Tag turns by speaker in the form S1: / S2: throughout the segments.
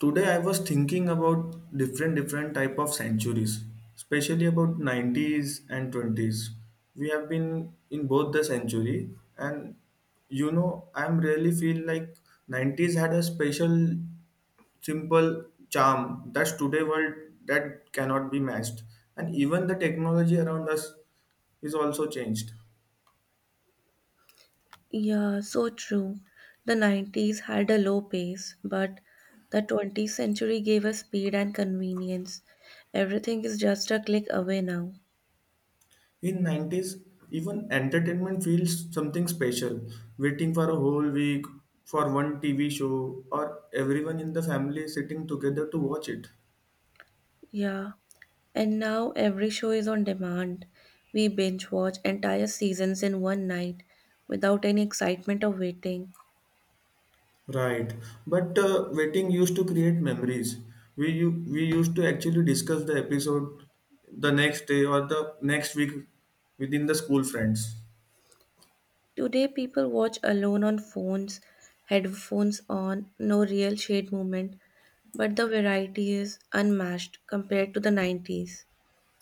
S1: Today I was thinking about different type of centuries, especially about 90's and 20's. We have been in both the century and I'm really feel like 90s had a special simple charm that's today world that cannot be matched, and even the technology around us is also changed.
S2: Yeah, so true. The 90s had a low pace, but the 20th century gave us speed and convenience. Everything is just a click away now.
S1: In 90s, even entertainment feels something special. Waiting for a whole week for one TV show, or everyone in the family sitting together to watch it.
S2: Yeah, and now every show is on demand. We binge watch entire seasons in one night without any excitement of waiting.
S1: Right. But waiting used to create memories. We used to actually discuss the episode the next day or the next week within the school friends.
S2: Today, people watch alone on phones, headphones on, no real shade movement, but the variety is unmatched compared to the 90s.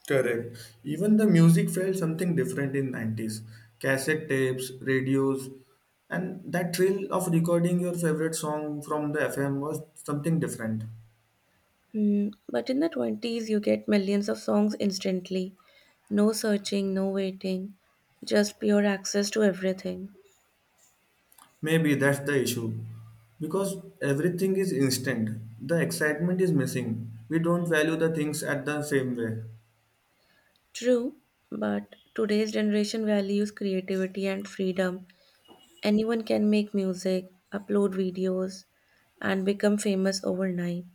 S1: Correct. Even the music felt something different in 90s. Cassette tapes, radios, and that thrill of recording your favorite song from the FM was something different.
S2: But in the 20s, you get millions of songs instantly. No searching, no waiting, just pure access to everything.
S1: Maybe that's the issue. Because everything is instant. The excitement is missing. We don't value the things at the same way.
S2: True, but today's generation values creativity and freedom. Anyone can make music, upload videos, and become famous overnight.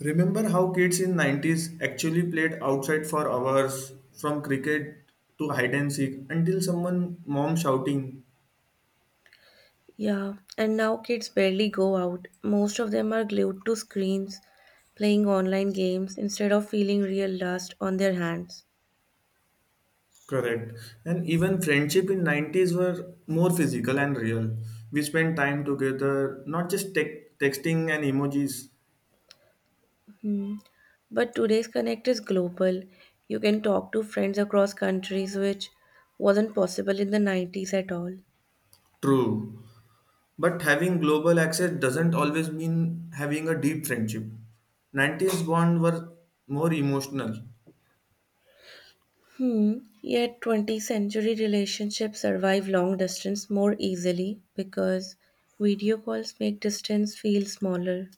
S1: Remember how kids in 90s actually played outside for hours, from cricket to hide and seek until someone mom shouting.
S2: Yeah, and now kids barely go out. Most of them are glued to screens, playing online games instead of feeling real dust on their hands.
S1: Correct. And even friendship in 90s were more physical and real. We spent time together, not just texting and emojis.
S2: Hmm. But today's connect is global. You can talk to friends across countries, which wasn't possible in the 90s at all.
S1: True. But having global access doesn't always mean having a deep friendship. 90s bond were more emotional.
S2: Hmm. Yet 20th century relationships survive long distance more easily because video calls make distance feel smaller.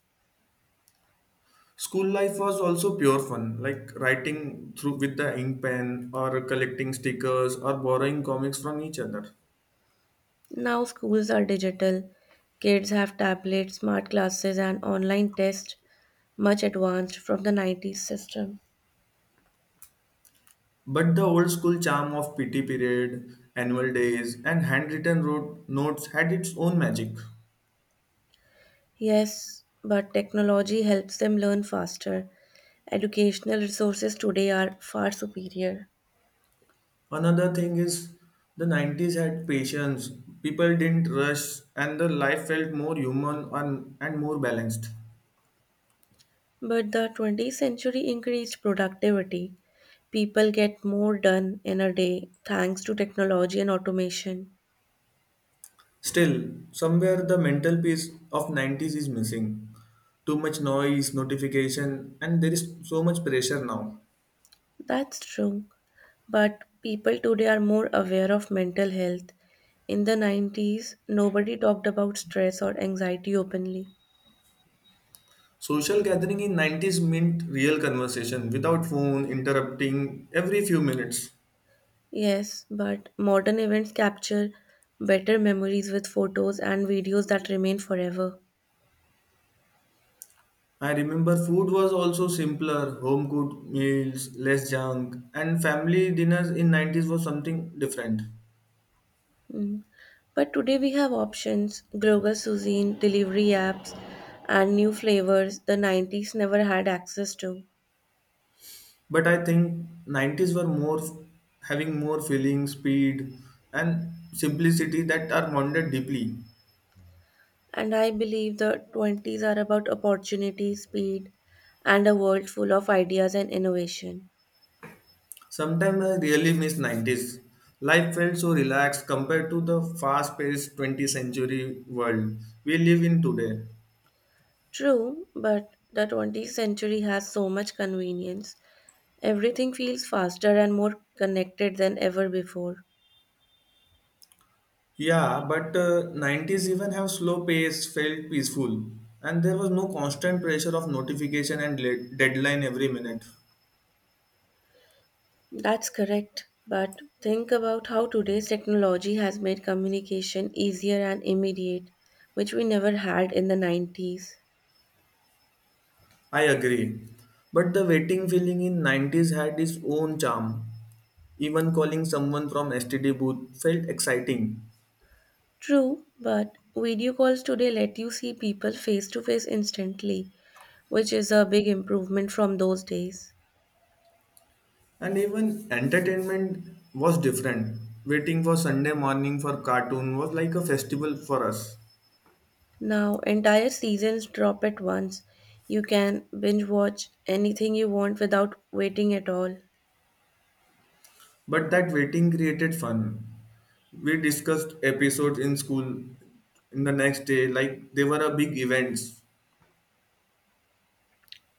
S1: School life was also pure fun, like writing through with the ink pen or collecting stickers or borrowing comics from each other.
S2: Now schools are digital. Kids have tablets, smart classes, and online tests, much advanced from the 90s system.
S1: But the old school charm of PT period, annual days, and handwritten road notes had its own magic.
S2: Yes, but technology helps them learn faster. Educational resources today are far superior.
S1: Another thing is, the 90s had patience, people didn't rush, and the life felt more human and, more balanced.
S2: But the 20th century increased productivity. People get more done in a day thanks to technology and automation.
S1: Still, somewhere the mental peace of 90s is missing. Too much noise, notification, and there is so much pressure now.
S2: That's true. But people today are more aware of mental health. In the 90s, nobody talked about stress or anxiety openly.
S1: Social gathering in 90s meant real conversation without phone interrupting every few minutes.
S2: Yes, but modern events capture better memories with photos and videos that remain forever.
S1: I remember food was also simpler, home cooked meals, less junk, and family dinners in 90s was something different.
S2: Mm. But today we have options, global cuisine, delivery apps, and new flavors the 90s never had access to.
S1: But I think 90s were more having more feeling, speed, and simplicity that are bonded deeply.
S2: And I believe the 20s are about opportunity, speed, and a world full of ideas and innovation.
S1: Sometimes I really miss 90s. Life felt so relaxed compared to the fast-paced 20th century world we live in today.
S2: True, but the 20th century has so much convenience. Everything feels faster and more connected than ever before.
S1: Yeah, but 90s even have slow pace, felt peaceful, and there was no constant pressure of notification and deadline every minute.
S2: That's correct. But think about how today's technology has made communication easier and immediate, which we never had in the 90s.
S1: I agree. But the waiting feeling in 90s had its own charm. Even calling someone from STD booth felt exciting.
S2: True, but video calls today let you see people face to face instantly, which is a big improvement from those days.
S1: And even entertainment was different. Waiting for Sunday morning for cartoon was like a festival for us.
S2: Now, entire seasons drop at once. You can binge watch anything you want without waiting at all.
S1: But that waiting created fun. We discussed episodes in school in the next day, like they were a big events.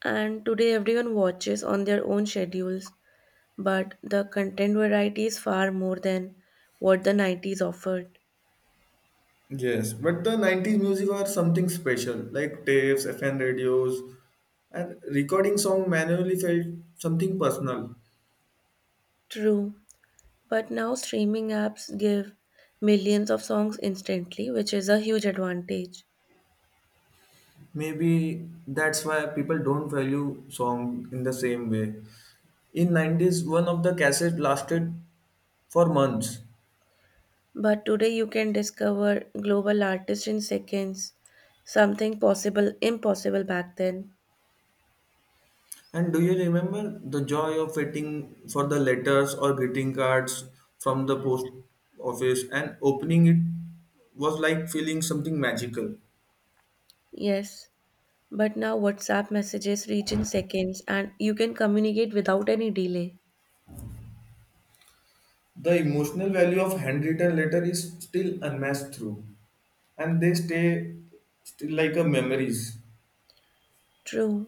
S2: And today, everyone watches on their own schedules, but the content variety is far more than what the 90s offered.
S1: Yes, but the 90s music were something special, like tapes, FM radios, and recording song manually felt something personal.
S2: True, but now streaming apps give millions of songs instantly, which is a huge advantage.
S1: Maybe that's why people don't value song in the same way. In 90s, one of the cassette lasted for months.
S2: But today you can discover global artists in seconds, something possible impossible back then.
S1: And do you remember the joy of waiting for the letters or greeting cards from the post office, and opening it was like feeling something magical.
S2: Yes, but now WhatsApp messages reach in seconds, and you can communicate without any delay.
S1: The emotional value of handwritten letter is still unmatched through, and they stay still like a memories.
S2: True,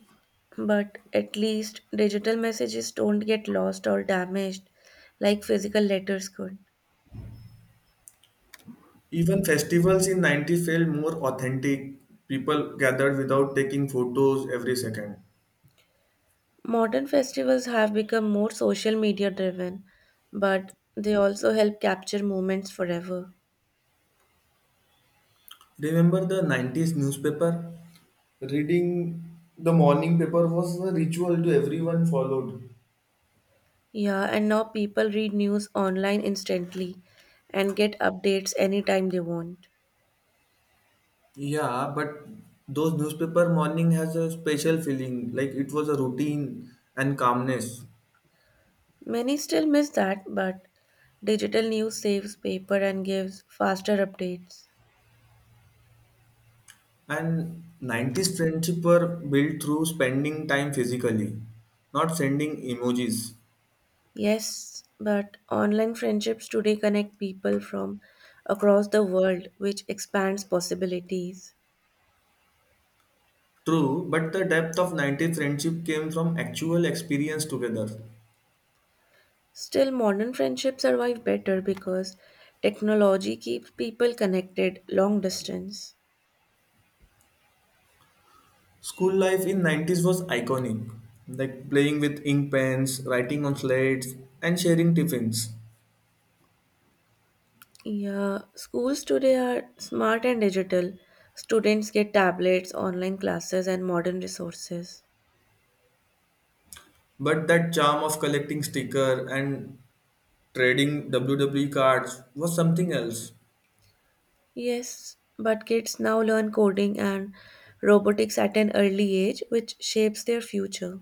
S2: but at least digital messages don't get lost or damaged like physical letters could.
S1: Even festivals in '90s felt more authentic. People gathered without taking photos every second.
S2: Modern festivals have become more social media driven, but they also help capture moments forever.
S1: Remember the 90s newspaper? Reading the morning paper was a ritual to everyone followed.
S2: Yeah, and now people read news online instantly and get updates anytime they want.
S1: Yeah, but those newspaper morning has a special feeling, like it was a routine and calmness.
S2: Many still miss that, but digital news saves paper and gives faster updates.
S1: And 90s friendship were built through spending time physically, not sending emojis.
S2: Yes, but online friendships today connect people from across the world, which expands possibilities.
S1: True, but the depth of 90s friendship came from actual experience together.
S2: Still, modern friendships survive better because technology keeps people connected long distance.
S1: School life in 90s was iconic, like playing with ink pens, writing on slates, and sharing tiffins.
S2: Yeah, schools today are smart and digital. Students get tablets, online classes, and modern resources.
S1: But that charm of collecting sticker and trading WWE cards was something else.
S2: Yes, but kids now learn coding and robotics at an early age, which shapes their future.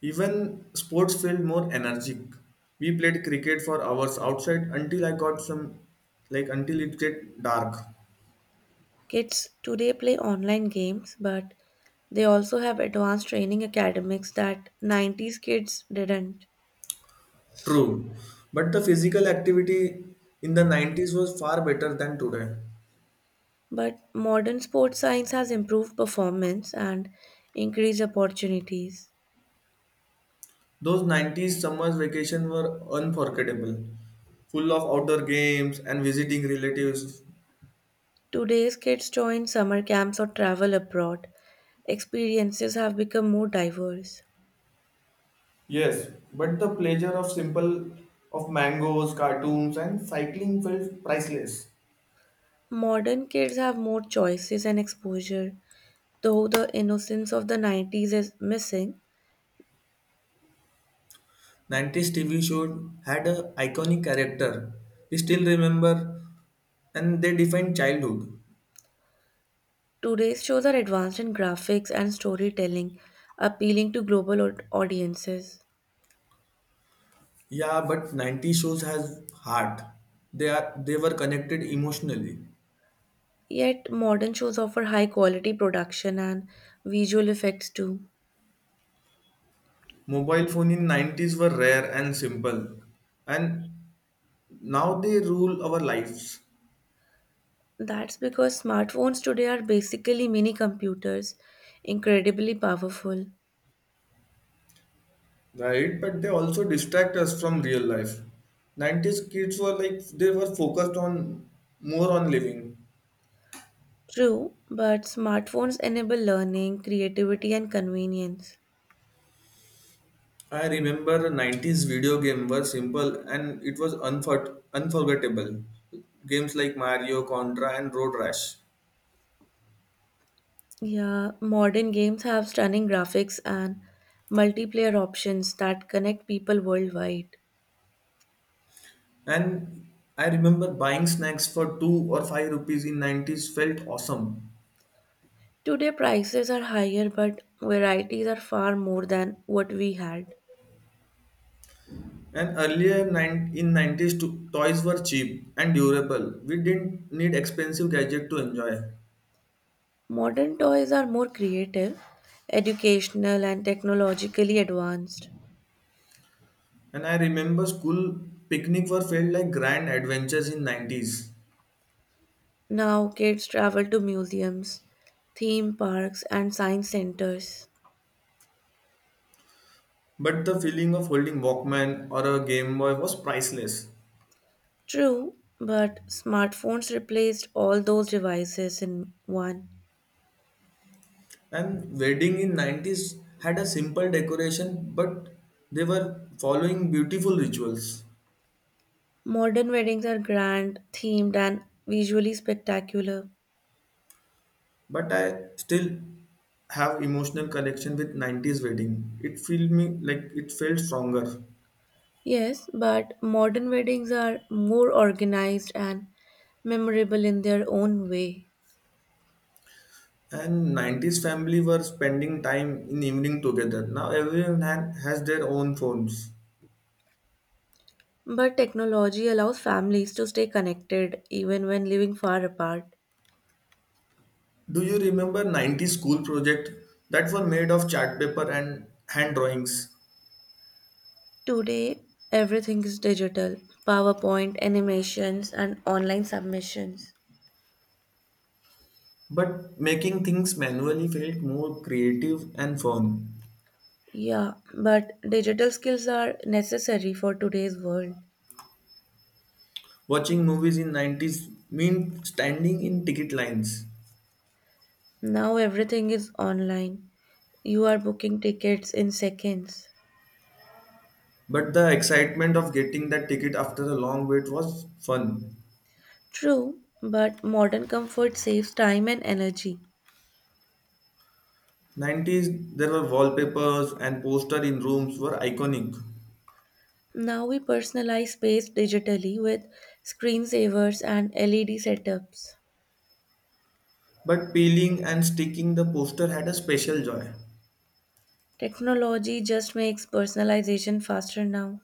S1: Even sports felt more energetic. We played cricket for hours outside until I got some, like until it get dark.
S2: Kids today play online games, but they also have advanced training academics that 90s kids didn't.
S1: True, but the physical activity in the 90s was far better than today.
S2: But modern sports science has improved performance and increased opportunities.
S1: Those 90s summers vacation were unforgettable, full of outdoor games and visiting relatives.
S2: Today's kids join summer camps or travel abroad. Experiences have become more diverse.
S1: Yes, but the pleasure of simple of mangoes, cartoons and cycling felt priceless.
S2: Modern kids have more choices and exposure, though the innocence of the 90s is missing.
S1: 90s TV show had an iconic character. We still remember, and they defined childhood.
S2: Today's shows are advanced in graphics and storytelling, appealing to global audiences.
S1: Yeah, but 90s shows has heart. They were connected emotionally.
S2: Yet, modern shows offer high quality production and visual effects too.
S1: Mobile phone in 90s were rare and simple, and now they rule our lives.
S2: That's because smartphones today are basically mini computers, incredibly powerful.
S1: Right, but they also distract us from real life. 90s kids were, like, they were focused on more on living.
S2: True, but smartphones enable learning, creativity, and convenience.
S1: I remember 90s video game were simple and it was unforgettable. Games like Mario, Contra and Road Rash.
S2: Yeah, modern games have stunning graphics and multiplayer options that connect people worldwide.
S1: And I remember buying snacks for 2 or 5 rupees in 90s felt awesome.
S2: Today prices are higher, but varieties are far more than what we had.
S1: And earlier in 90s, toys were cheap and durable. We didn't need expensive gadget to enjoy.
S2: Modern toys are more creative, educational, and technologically advanced.
S1: And I remember school picnic were felt like grand adventures in 90s.
S2: Now kids travel to museums, theme parks, and science centers.
S1: But the feeling of holding Walkman or a Game Boy was priceless.
S2: True, but smartphones replaced all those devices in one.
S1: And wedding in 90s had a simple decoration, but they were following beautiful rituals.
S2: Modern weddings are grand, themed, and visually spectacular.
S1: But I still have emotional connection with 90s wedding. It felt stronger.
S2: Yes, but modern weddings are more organized and memorable in their own way.
S1: And 90s family were spending time in evening together. Now everyone has their own phones.
S2: But technology allows families to stay connected even when living far apart.
S1: Do you remember 90s school project that were made of chart paper and hand drawings?
S2: Today, everything is digital: PowerPoint, animations, and online submissions.
S1: But making things manually felt more creative and fun.
S2: Yeah, but digital skills are necessary for today's world.
S1: Watching movies in 90s meant standing in ticket lines.
S2: Now everything is online. You are booking tickets in seconds.
S1: But the excitement of getting that ticket after a long wait was fun.
S2: True, but modern comfort saves time and energy.
S1: 90s there were wallpapers and poster in rooms were iconic.
S2: Now we personalize space digitally with screensavers and LED setups.
S1: But peeling and sticking the poster had a special joy.
S2: Technology just makes personalization faster now.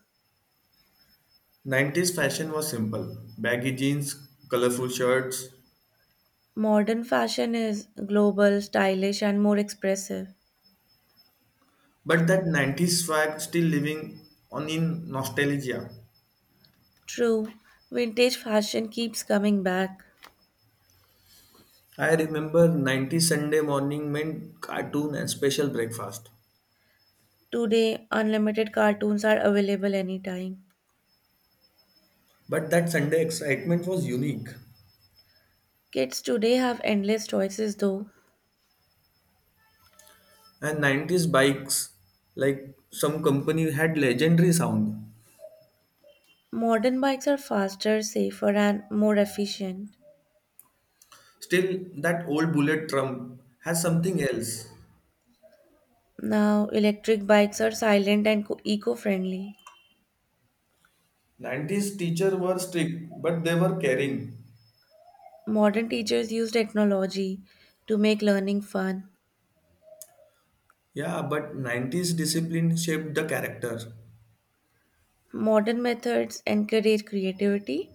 S1: 90s fashion was simple baggy jeans, colorful shirts,
S2: Modern fashion is global, stylish, and more expressive.
S1: but that 90s swag still living on in nostalgia.
S2: True, vintage fashion keeps coming back.
S1: I remember 90s Sunday morning meant cartoon and special breakfast.
S2: Today, unlimited cartoons are available anytime.
S1: But that Sunday excitement was unique.
S2: Kids today have endless choices though.
S1: And 90s bikes, like some company, had legendary sound.
S2: Modern bikes are faster, safer, and more efficient.
S1: Still, that old bullet drum has something else.
S2: Now, electric bikes are silent and eco-friendly.
S1: 90s teacher were strict, but they were caring.
S2: Modern teachers use technology to make learning fun.
S1: Yeah, but 90s discipline shaped the character.
S2: Modern methods encourage creativity.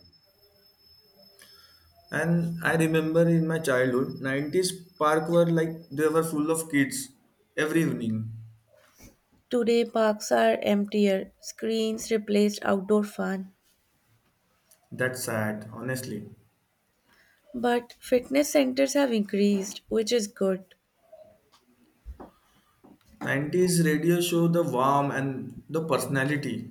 S1: And I remember in my childhood, 90s park were, like, they were full of kids every evening.
S2: Today, parks are emptier, screens replaced outdoor fun.
S1: That's sad, honestly.
S2: But fitness centers have increased, which is good.
S1: 90s radio show the warmth and the personality,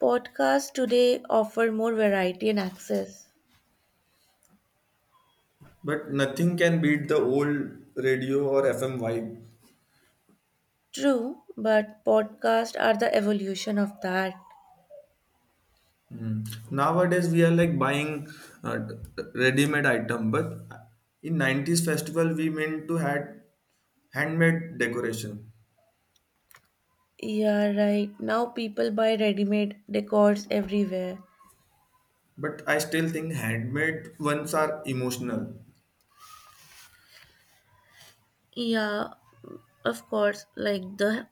S2: Podcasts today offer more variety and access.
S1: but nothing can beat the old radio or FM vibe.
S2: True, but podcasts are the evolution of that.
S1: Mm. Nowadays we are like buying uh, ready-made item, but in 90s festival we meant to had handmade decoration.
S2: Yeah, right. Now people buy ready-made decors everywhere.
S1: But I still think handmade ones are emotional,
S2: Yeah, of course. Like the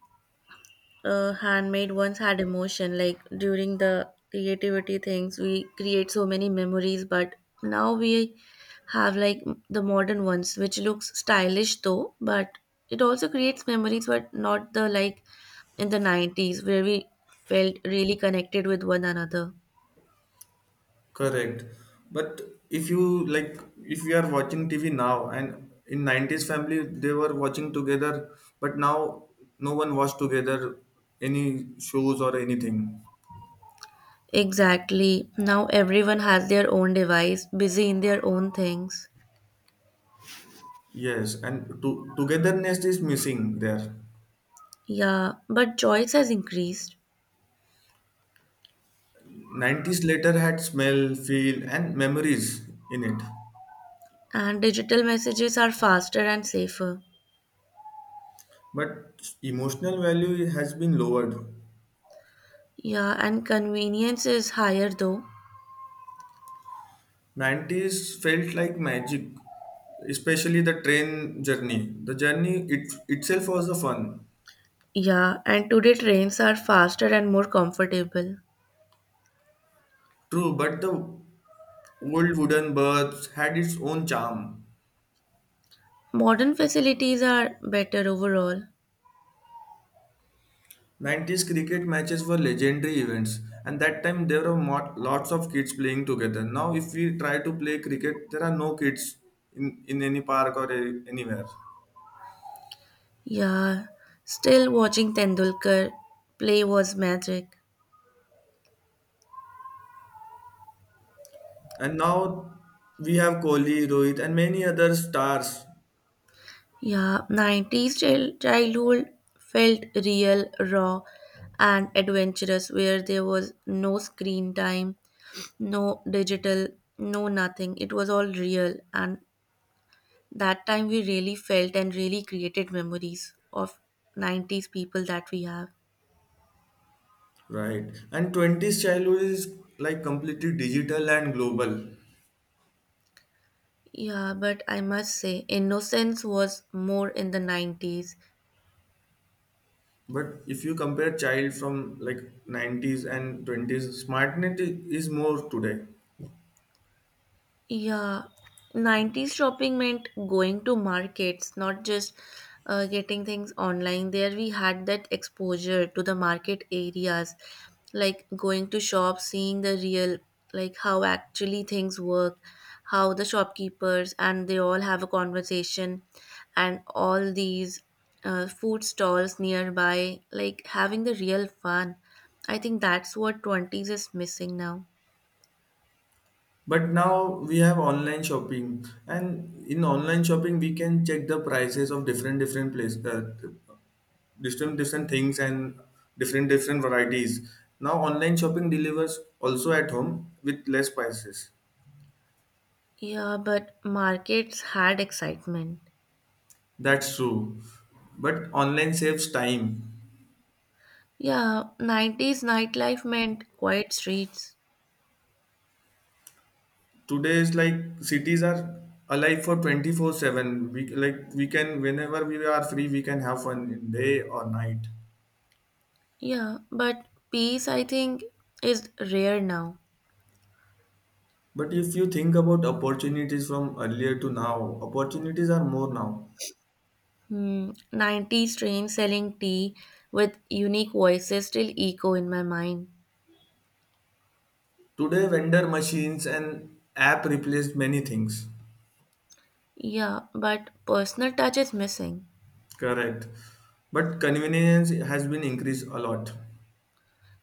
S2: handmade ones had emotion. Like during the creativity things, we create so many memories. But now we have like the modern ones, which looks stylish though, but it also creates memories, but not the like in the 90s where we felt really connected with one another.
S1: correct? But if you like, if we are watching TV now, and in 90s family they were watching together, but now no one watch together any shows or anything.
S2: Exactly. Now everyone has their own device, busy in their own things.
S1: Yes, and togetherness is missing there.
S2: Yeah, but choice has increased.
S1: 90s later had smell, feel, and memories in it.
S2: And digital messages are faster and safer.
S1: But emotional value has been lowered.
S2: Yeah, and convenience is higher though.
S1: 90s felt like magic, especially the train journey. The journey itself was a fun.
S2: Yeah, and today trains are faster and more comfortable.
S1: True, but the old wooden berths had its own charm.
S2: Modern facilities are better overall.
S1: 90s cricket matches were legendary events, and that time there were lots of kids playing together. Now, if we try to play cricket, there are no kids in, any park or anywhere.
S2: Yeah, still watching Tendulkar play was magic.
S1: And now we have Kohli, Rohit, and many other stars,
S2: Yeah, 90s childhood felt real, raw, and adventurous, where there was no screen time, no digital, no nothing. It was all real, and that time we really felt and really created memories of 90s people that we have.
S1: right? And 20s childhood is like completely digital and global.
S2: Yeah, but I must say, innocence was more in the 90s.
S1: But if you compare child from like 90s and 20s, smartness is more today.
S2: Yeah, 90s shopping meant going to markets, not just getting things online. There we had that exposure to the market areas, like going to shops, seeing the real, like how actually things work, how the shopkeepers and they all have a conversation, and all these food stalls nearby, like having the real fun. I think that's what 20s is missing now.
S1: But now we have online shopping, and in online shopping we can check the prices of different places, different things and different varieties. Now online shopping delivers also at home with less prices.
S2: Yeah, but markets had excitement.
S1: That's true. But online saves time.
S2: Yeah, 90s nightlife meant quiet streets.
S1: Today's like cities are alive for 24/7. We like we can whenever we are free we can have fun day or night.
S2: Yeah, but peace, I think, is rare now.
S1: But if you think about opportunities from earlier to now, opportunities are more now.
S2: 90s trains selling tea with unique voices still echo in my mind.
S1: Today vendor machines and app replaced many things.
S2: Yeah, but personal touch is missing.
S1: Correct. But convenience has been increased a lot.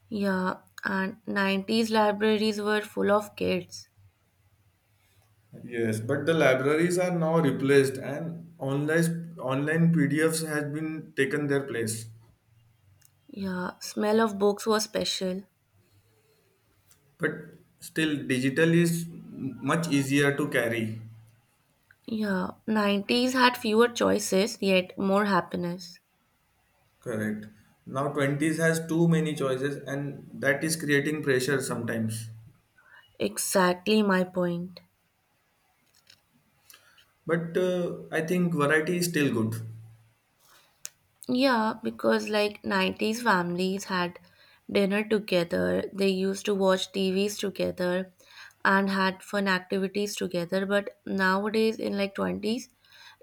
S2: Yeah, and 90s libraries were full of kids.
S1: Yes, but the libraries are now replaced and online PDFs has been taken their place.
S2: Yeah, smell of books was special.
S1: But still digital is much easier to carry.
S2: Yeah, 90s had fewer choices, yet more happiness.
S1: Correct. Now 20s has too many choices and that is creating pressure sometimes.
S2: Exactly my point.
S1: But I think variety is still good.
S2: Yeah, because like 90s families had dinner together, they used to watch TVs together and had fun activities together, but nowadays in like 20s,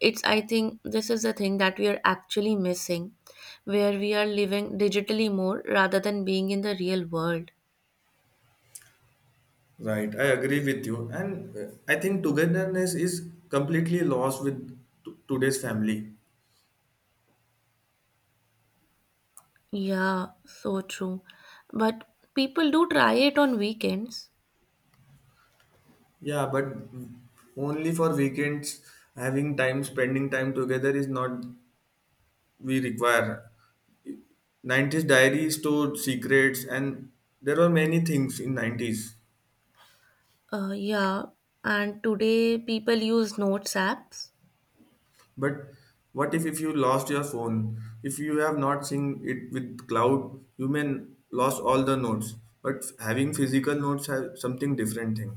S2: it's I think this is the thing that we are actually missing, where we are living digitally more rather than being in the real world.
S1: Right, I agree with you. And I think togetherness is completely lost with today's family.
S2: Yeah, so true. But people do try it on weekends.
S1: Yeah, but only for weekends, having time, spending time together is not we require. 90s diary stored secrets, and there were many things in 90s.
S2: Yeah, and today people use notes apps.
S1: But what if you lost your phone? If you have not seen it with cloud, you may lost all the notes. But having physical notes have something different thing.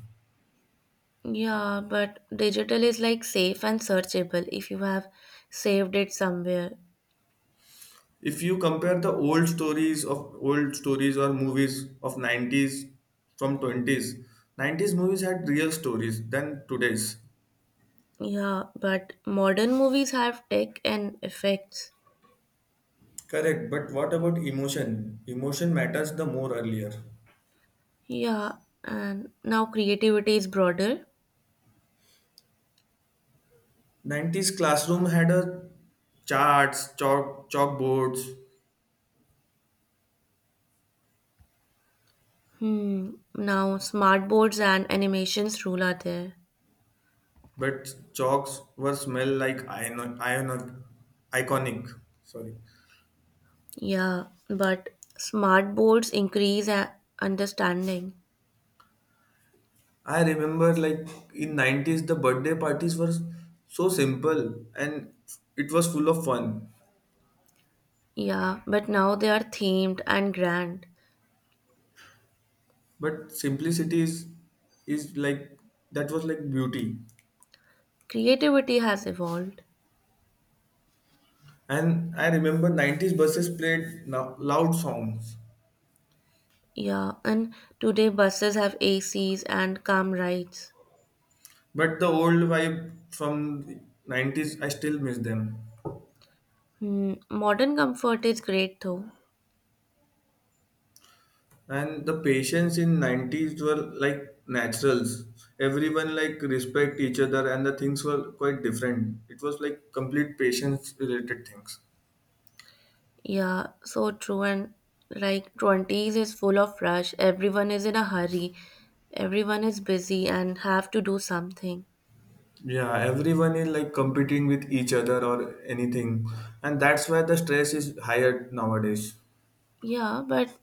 S2: Yeah, but digital is like safe and searchable if you have saved it somewhere.
S1: If you compare the old stories of old stories or movies of 90s from 20s, 90s movies had real stories than today's.
S2: Yeah, but modern movies have tech and effects.
S1: Correct, but what about emotion? Emotion matters the more earlier.
S2: Yeah, and now creativity is broader.
S1: 90s classroom had a charts chalk chalkboards,
S2: Now smart boards and animations rule are there.
S1: but chalks were smell like iconic, sorry.
S2: Yeah, but smart boards increase understanding.
S1: I remember, like, in 90s the birthday parties were so simple and it was full of fun.
S2: Yeah, but now they are themed and grand.
S1: But simplicity is like, that was like beauty.
S2: Creativity has evolved.
S1: And I remember 90s buses played now loud songs.
S2: Yeah, and today buses have ACs and calm rides.
S1: But the old vibe from the 90s I still miss them.
S2: Modern comfort is great though.
S1: And the patience in 90s were like naturals. Everyone like respect each other and the things were quite different. It was like complete patience related things.
S2: Yeah, so true. And like 20s is full of rush. Everyone is in a hurry. Everyone is busy and have to do something.
S1: Yeah, everyone is like competing with each other or anything, and that's why the stress is higher nowadays.
S2: Yeah, but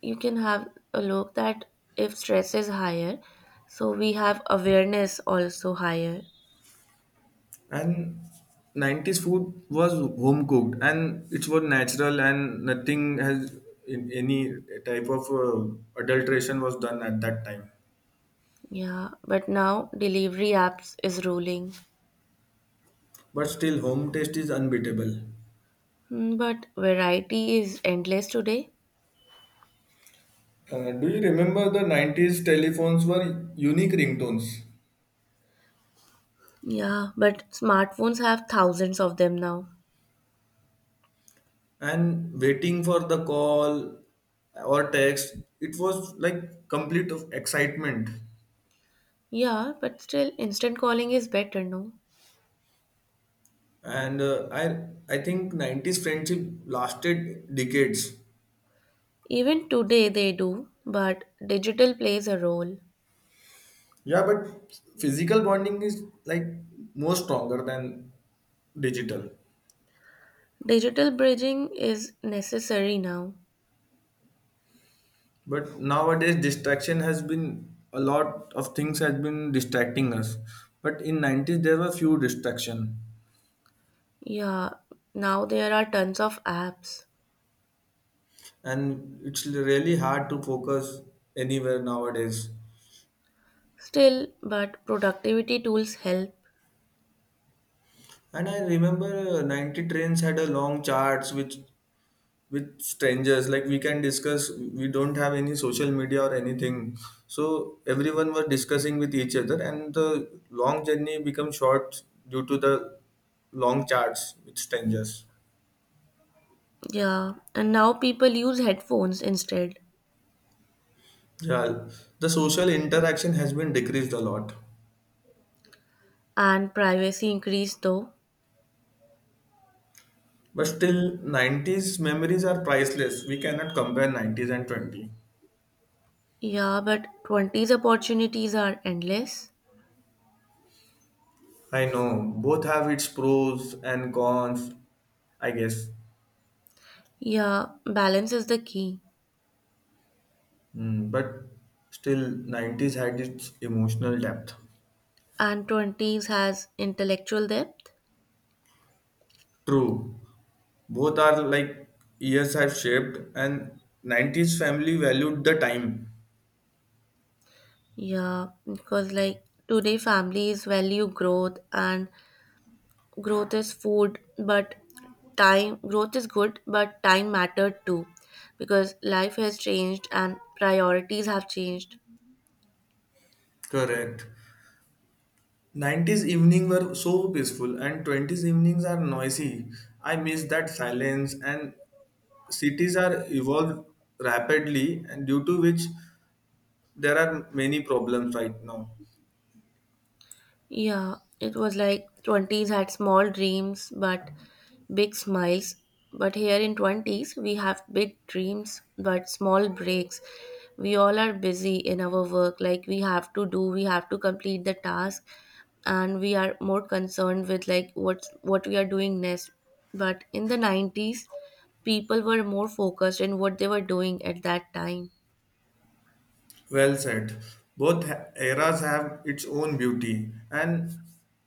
S2: you can have a look that if stress is higher, so we have awareness also higher.
S1: And 90s food was home cooked and it was natural, and nothing has in any type of adulteration was done at that time.
S2: Yeah, but now delivery apps is ruling.
S1: But still, home taste is unbeatable.
S2: But variety is endless today.
S1: Do you remember the 90s telephones were unique ringtones?
S2: Yeah, but smartphones have thousands of them now.
S1: And waiting for the call or text, it was like complete of excitement.
S2: Yeah, but still, instant calling is better, no?
S1: And I think 90s friendship lasted decades.
S2: Even today they do, but digital plays a role.
S1: Yeah, but physical bonding is like more stronger than digital.
S2: Digital bridging is necessary now.
S1: But nowadays distraction has been a lot of things has been distracting us, but in 90s there were few distraction.
S2: Yeah, now there are tons of apps.
S1: And it's really hard to focus anywhere nowadays.
S2: Still, but productivity tools help.
S1: And I remember 90s trains had a long charts which with strangers, like we can discuss, we don't have any social media or anything, so everyone were discussing with each other and the long journey become short due to the long charts with strangers.
S2: Yeah, and now people use headphones instead.
S1: Yeah, the social interaction has been decreased a lot.
S2: And privacy increased though.
S1: But still 90s memories are priceless, we cannot compare 90s and 20.
S2: Yeah, but 20s opportunities are endless.
S1: I know both have its pros and cons, I guess.
S2: Yeah, balance is the key.
S1: Mm, but still, 90s had its emotional depth.
S2: And 20s has intellectual depth.
S1: True. Both are like years have shaped, and 90s family valued the time.
S2: Yeah, because like today families value growth and growth is food, but time growth is good, but time mattered too because life has changed and priorities have changed.
S1: Correct. 90s evening were so peaceful, and 20s evenings are noisy. I miss that silence, and cities are evolved rapidly, and due to which there are many problems right now.
S2: Yeah, it was like 20s had small dreams but big smiles. But here in 20s, we have big dreams but small breaks. We all are busy in our work, like we have to complete the task, and we are more concerned with like what we are doing next. But in the 90s, people were more focused in what they were doing at that time.
S1: Well said. Both eras have its own beauty, and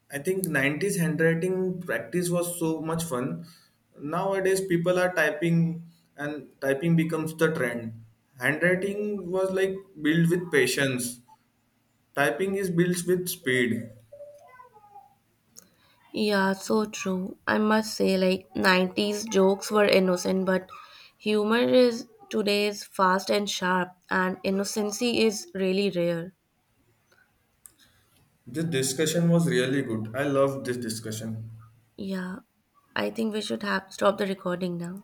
S1: I think 90s handwriting practice was so much fun. Nowadays, people are typing, and typing becomes the trend. Handwriting was like built with patience. Typing is built with speed.
S2: Yeah, so true. I must say, like, 90s jokes were innocent, but humor is today's fast and sharp, and innocency is really rare.
S1: This discussion was really good. I love this discussion.
S2: Yeah, I think we should have stop the recording now.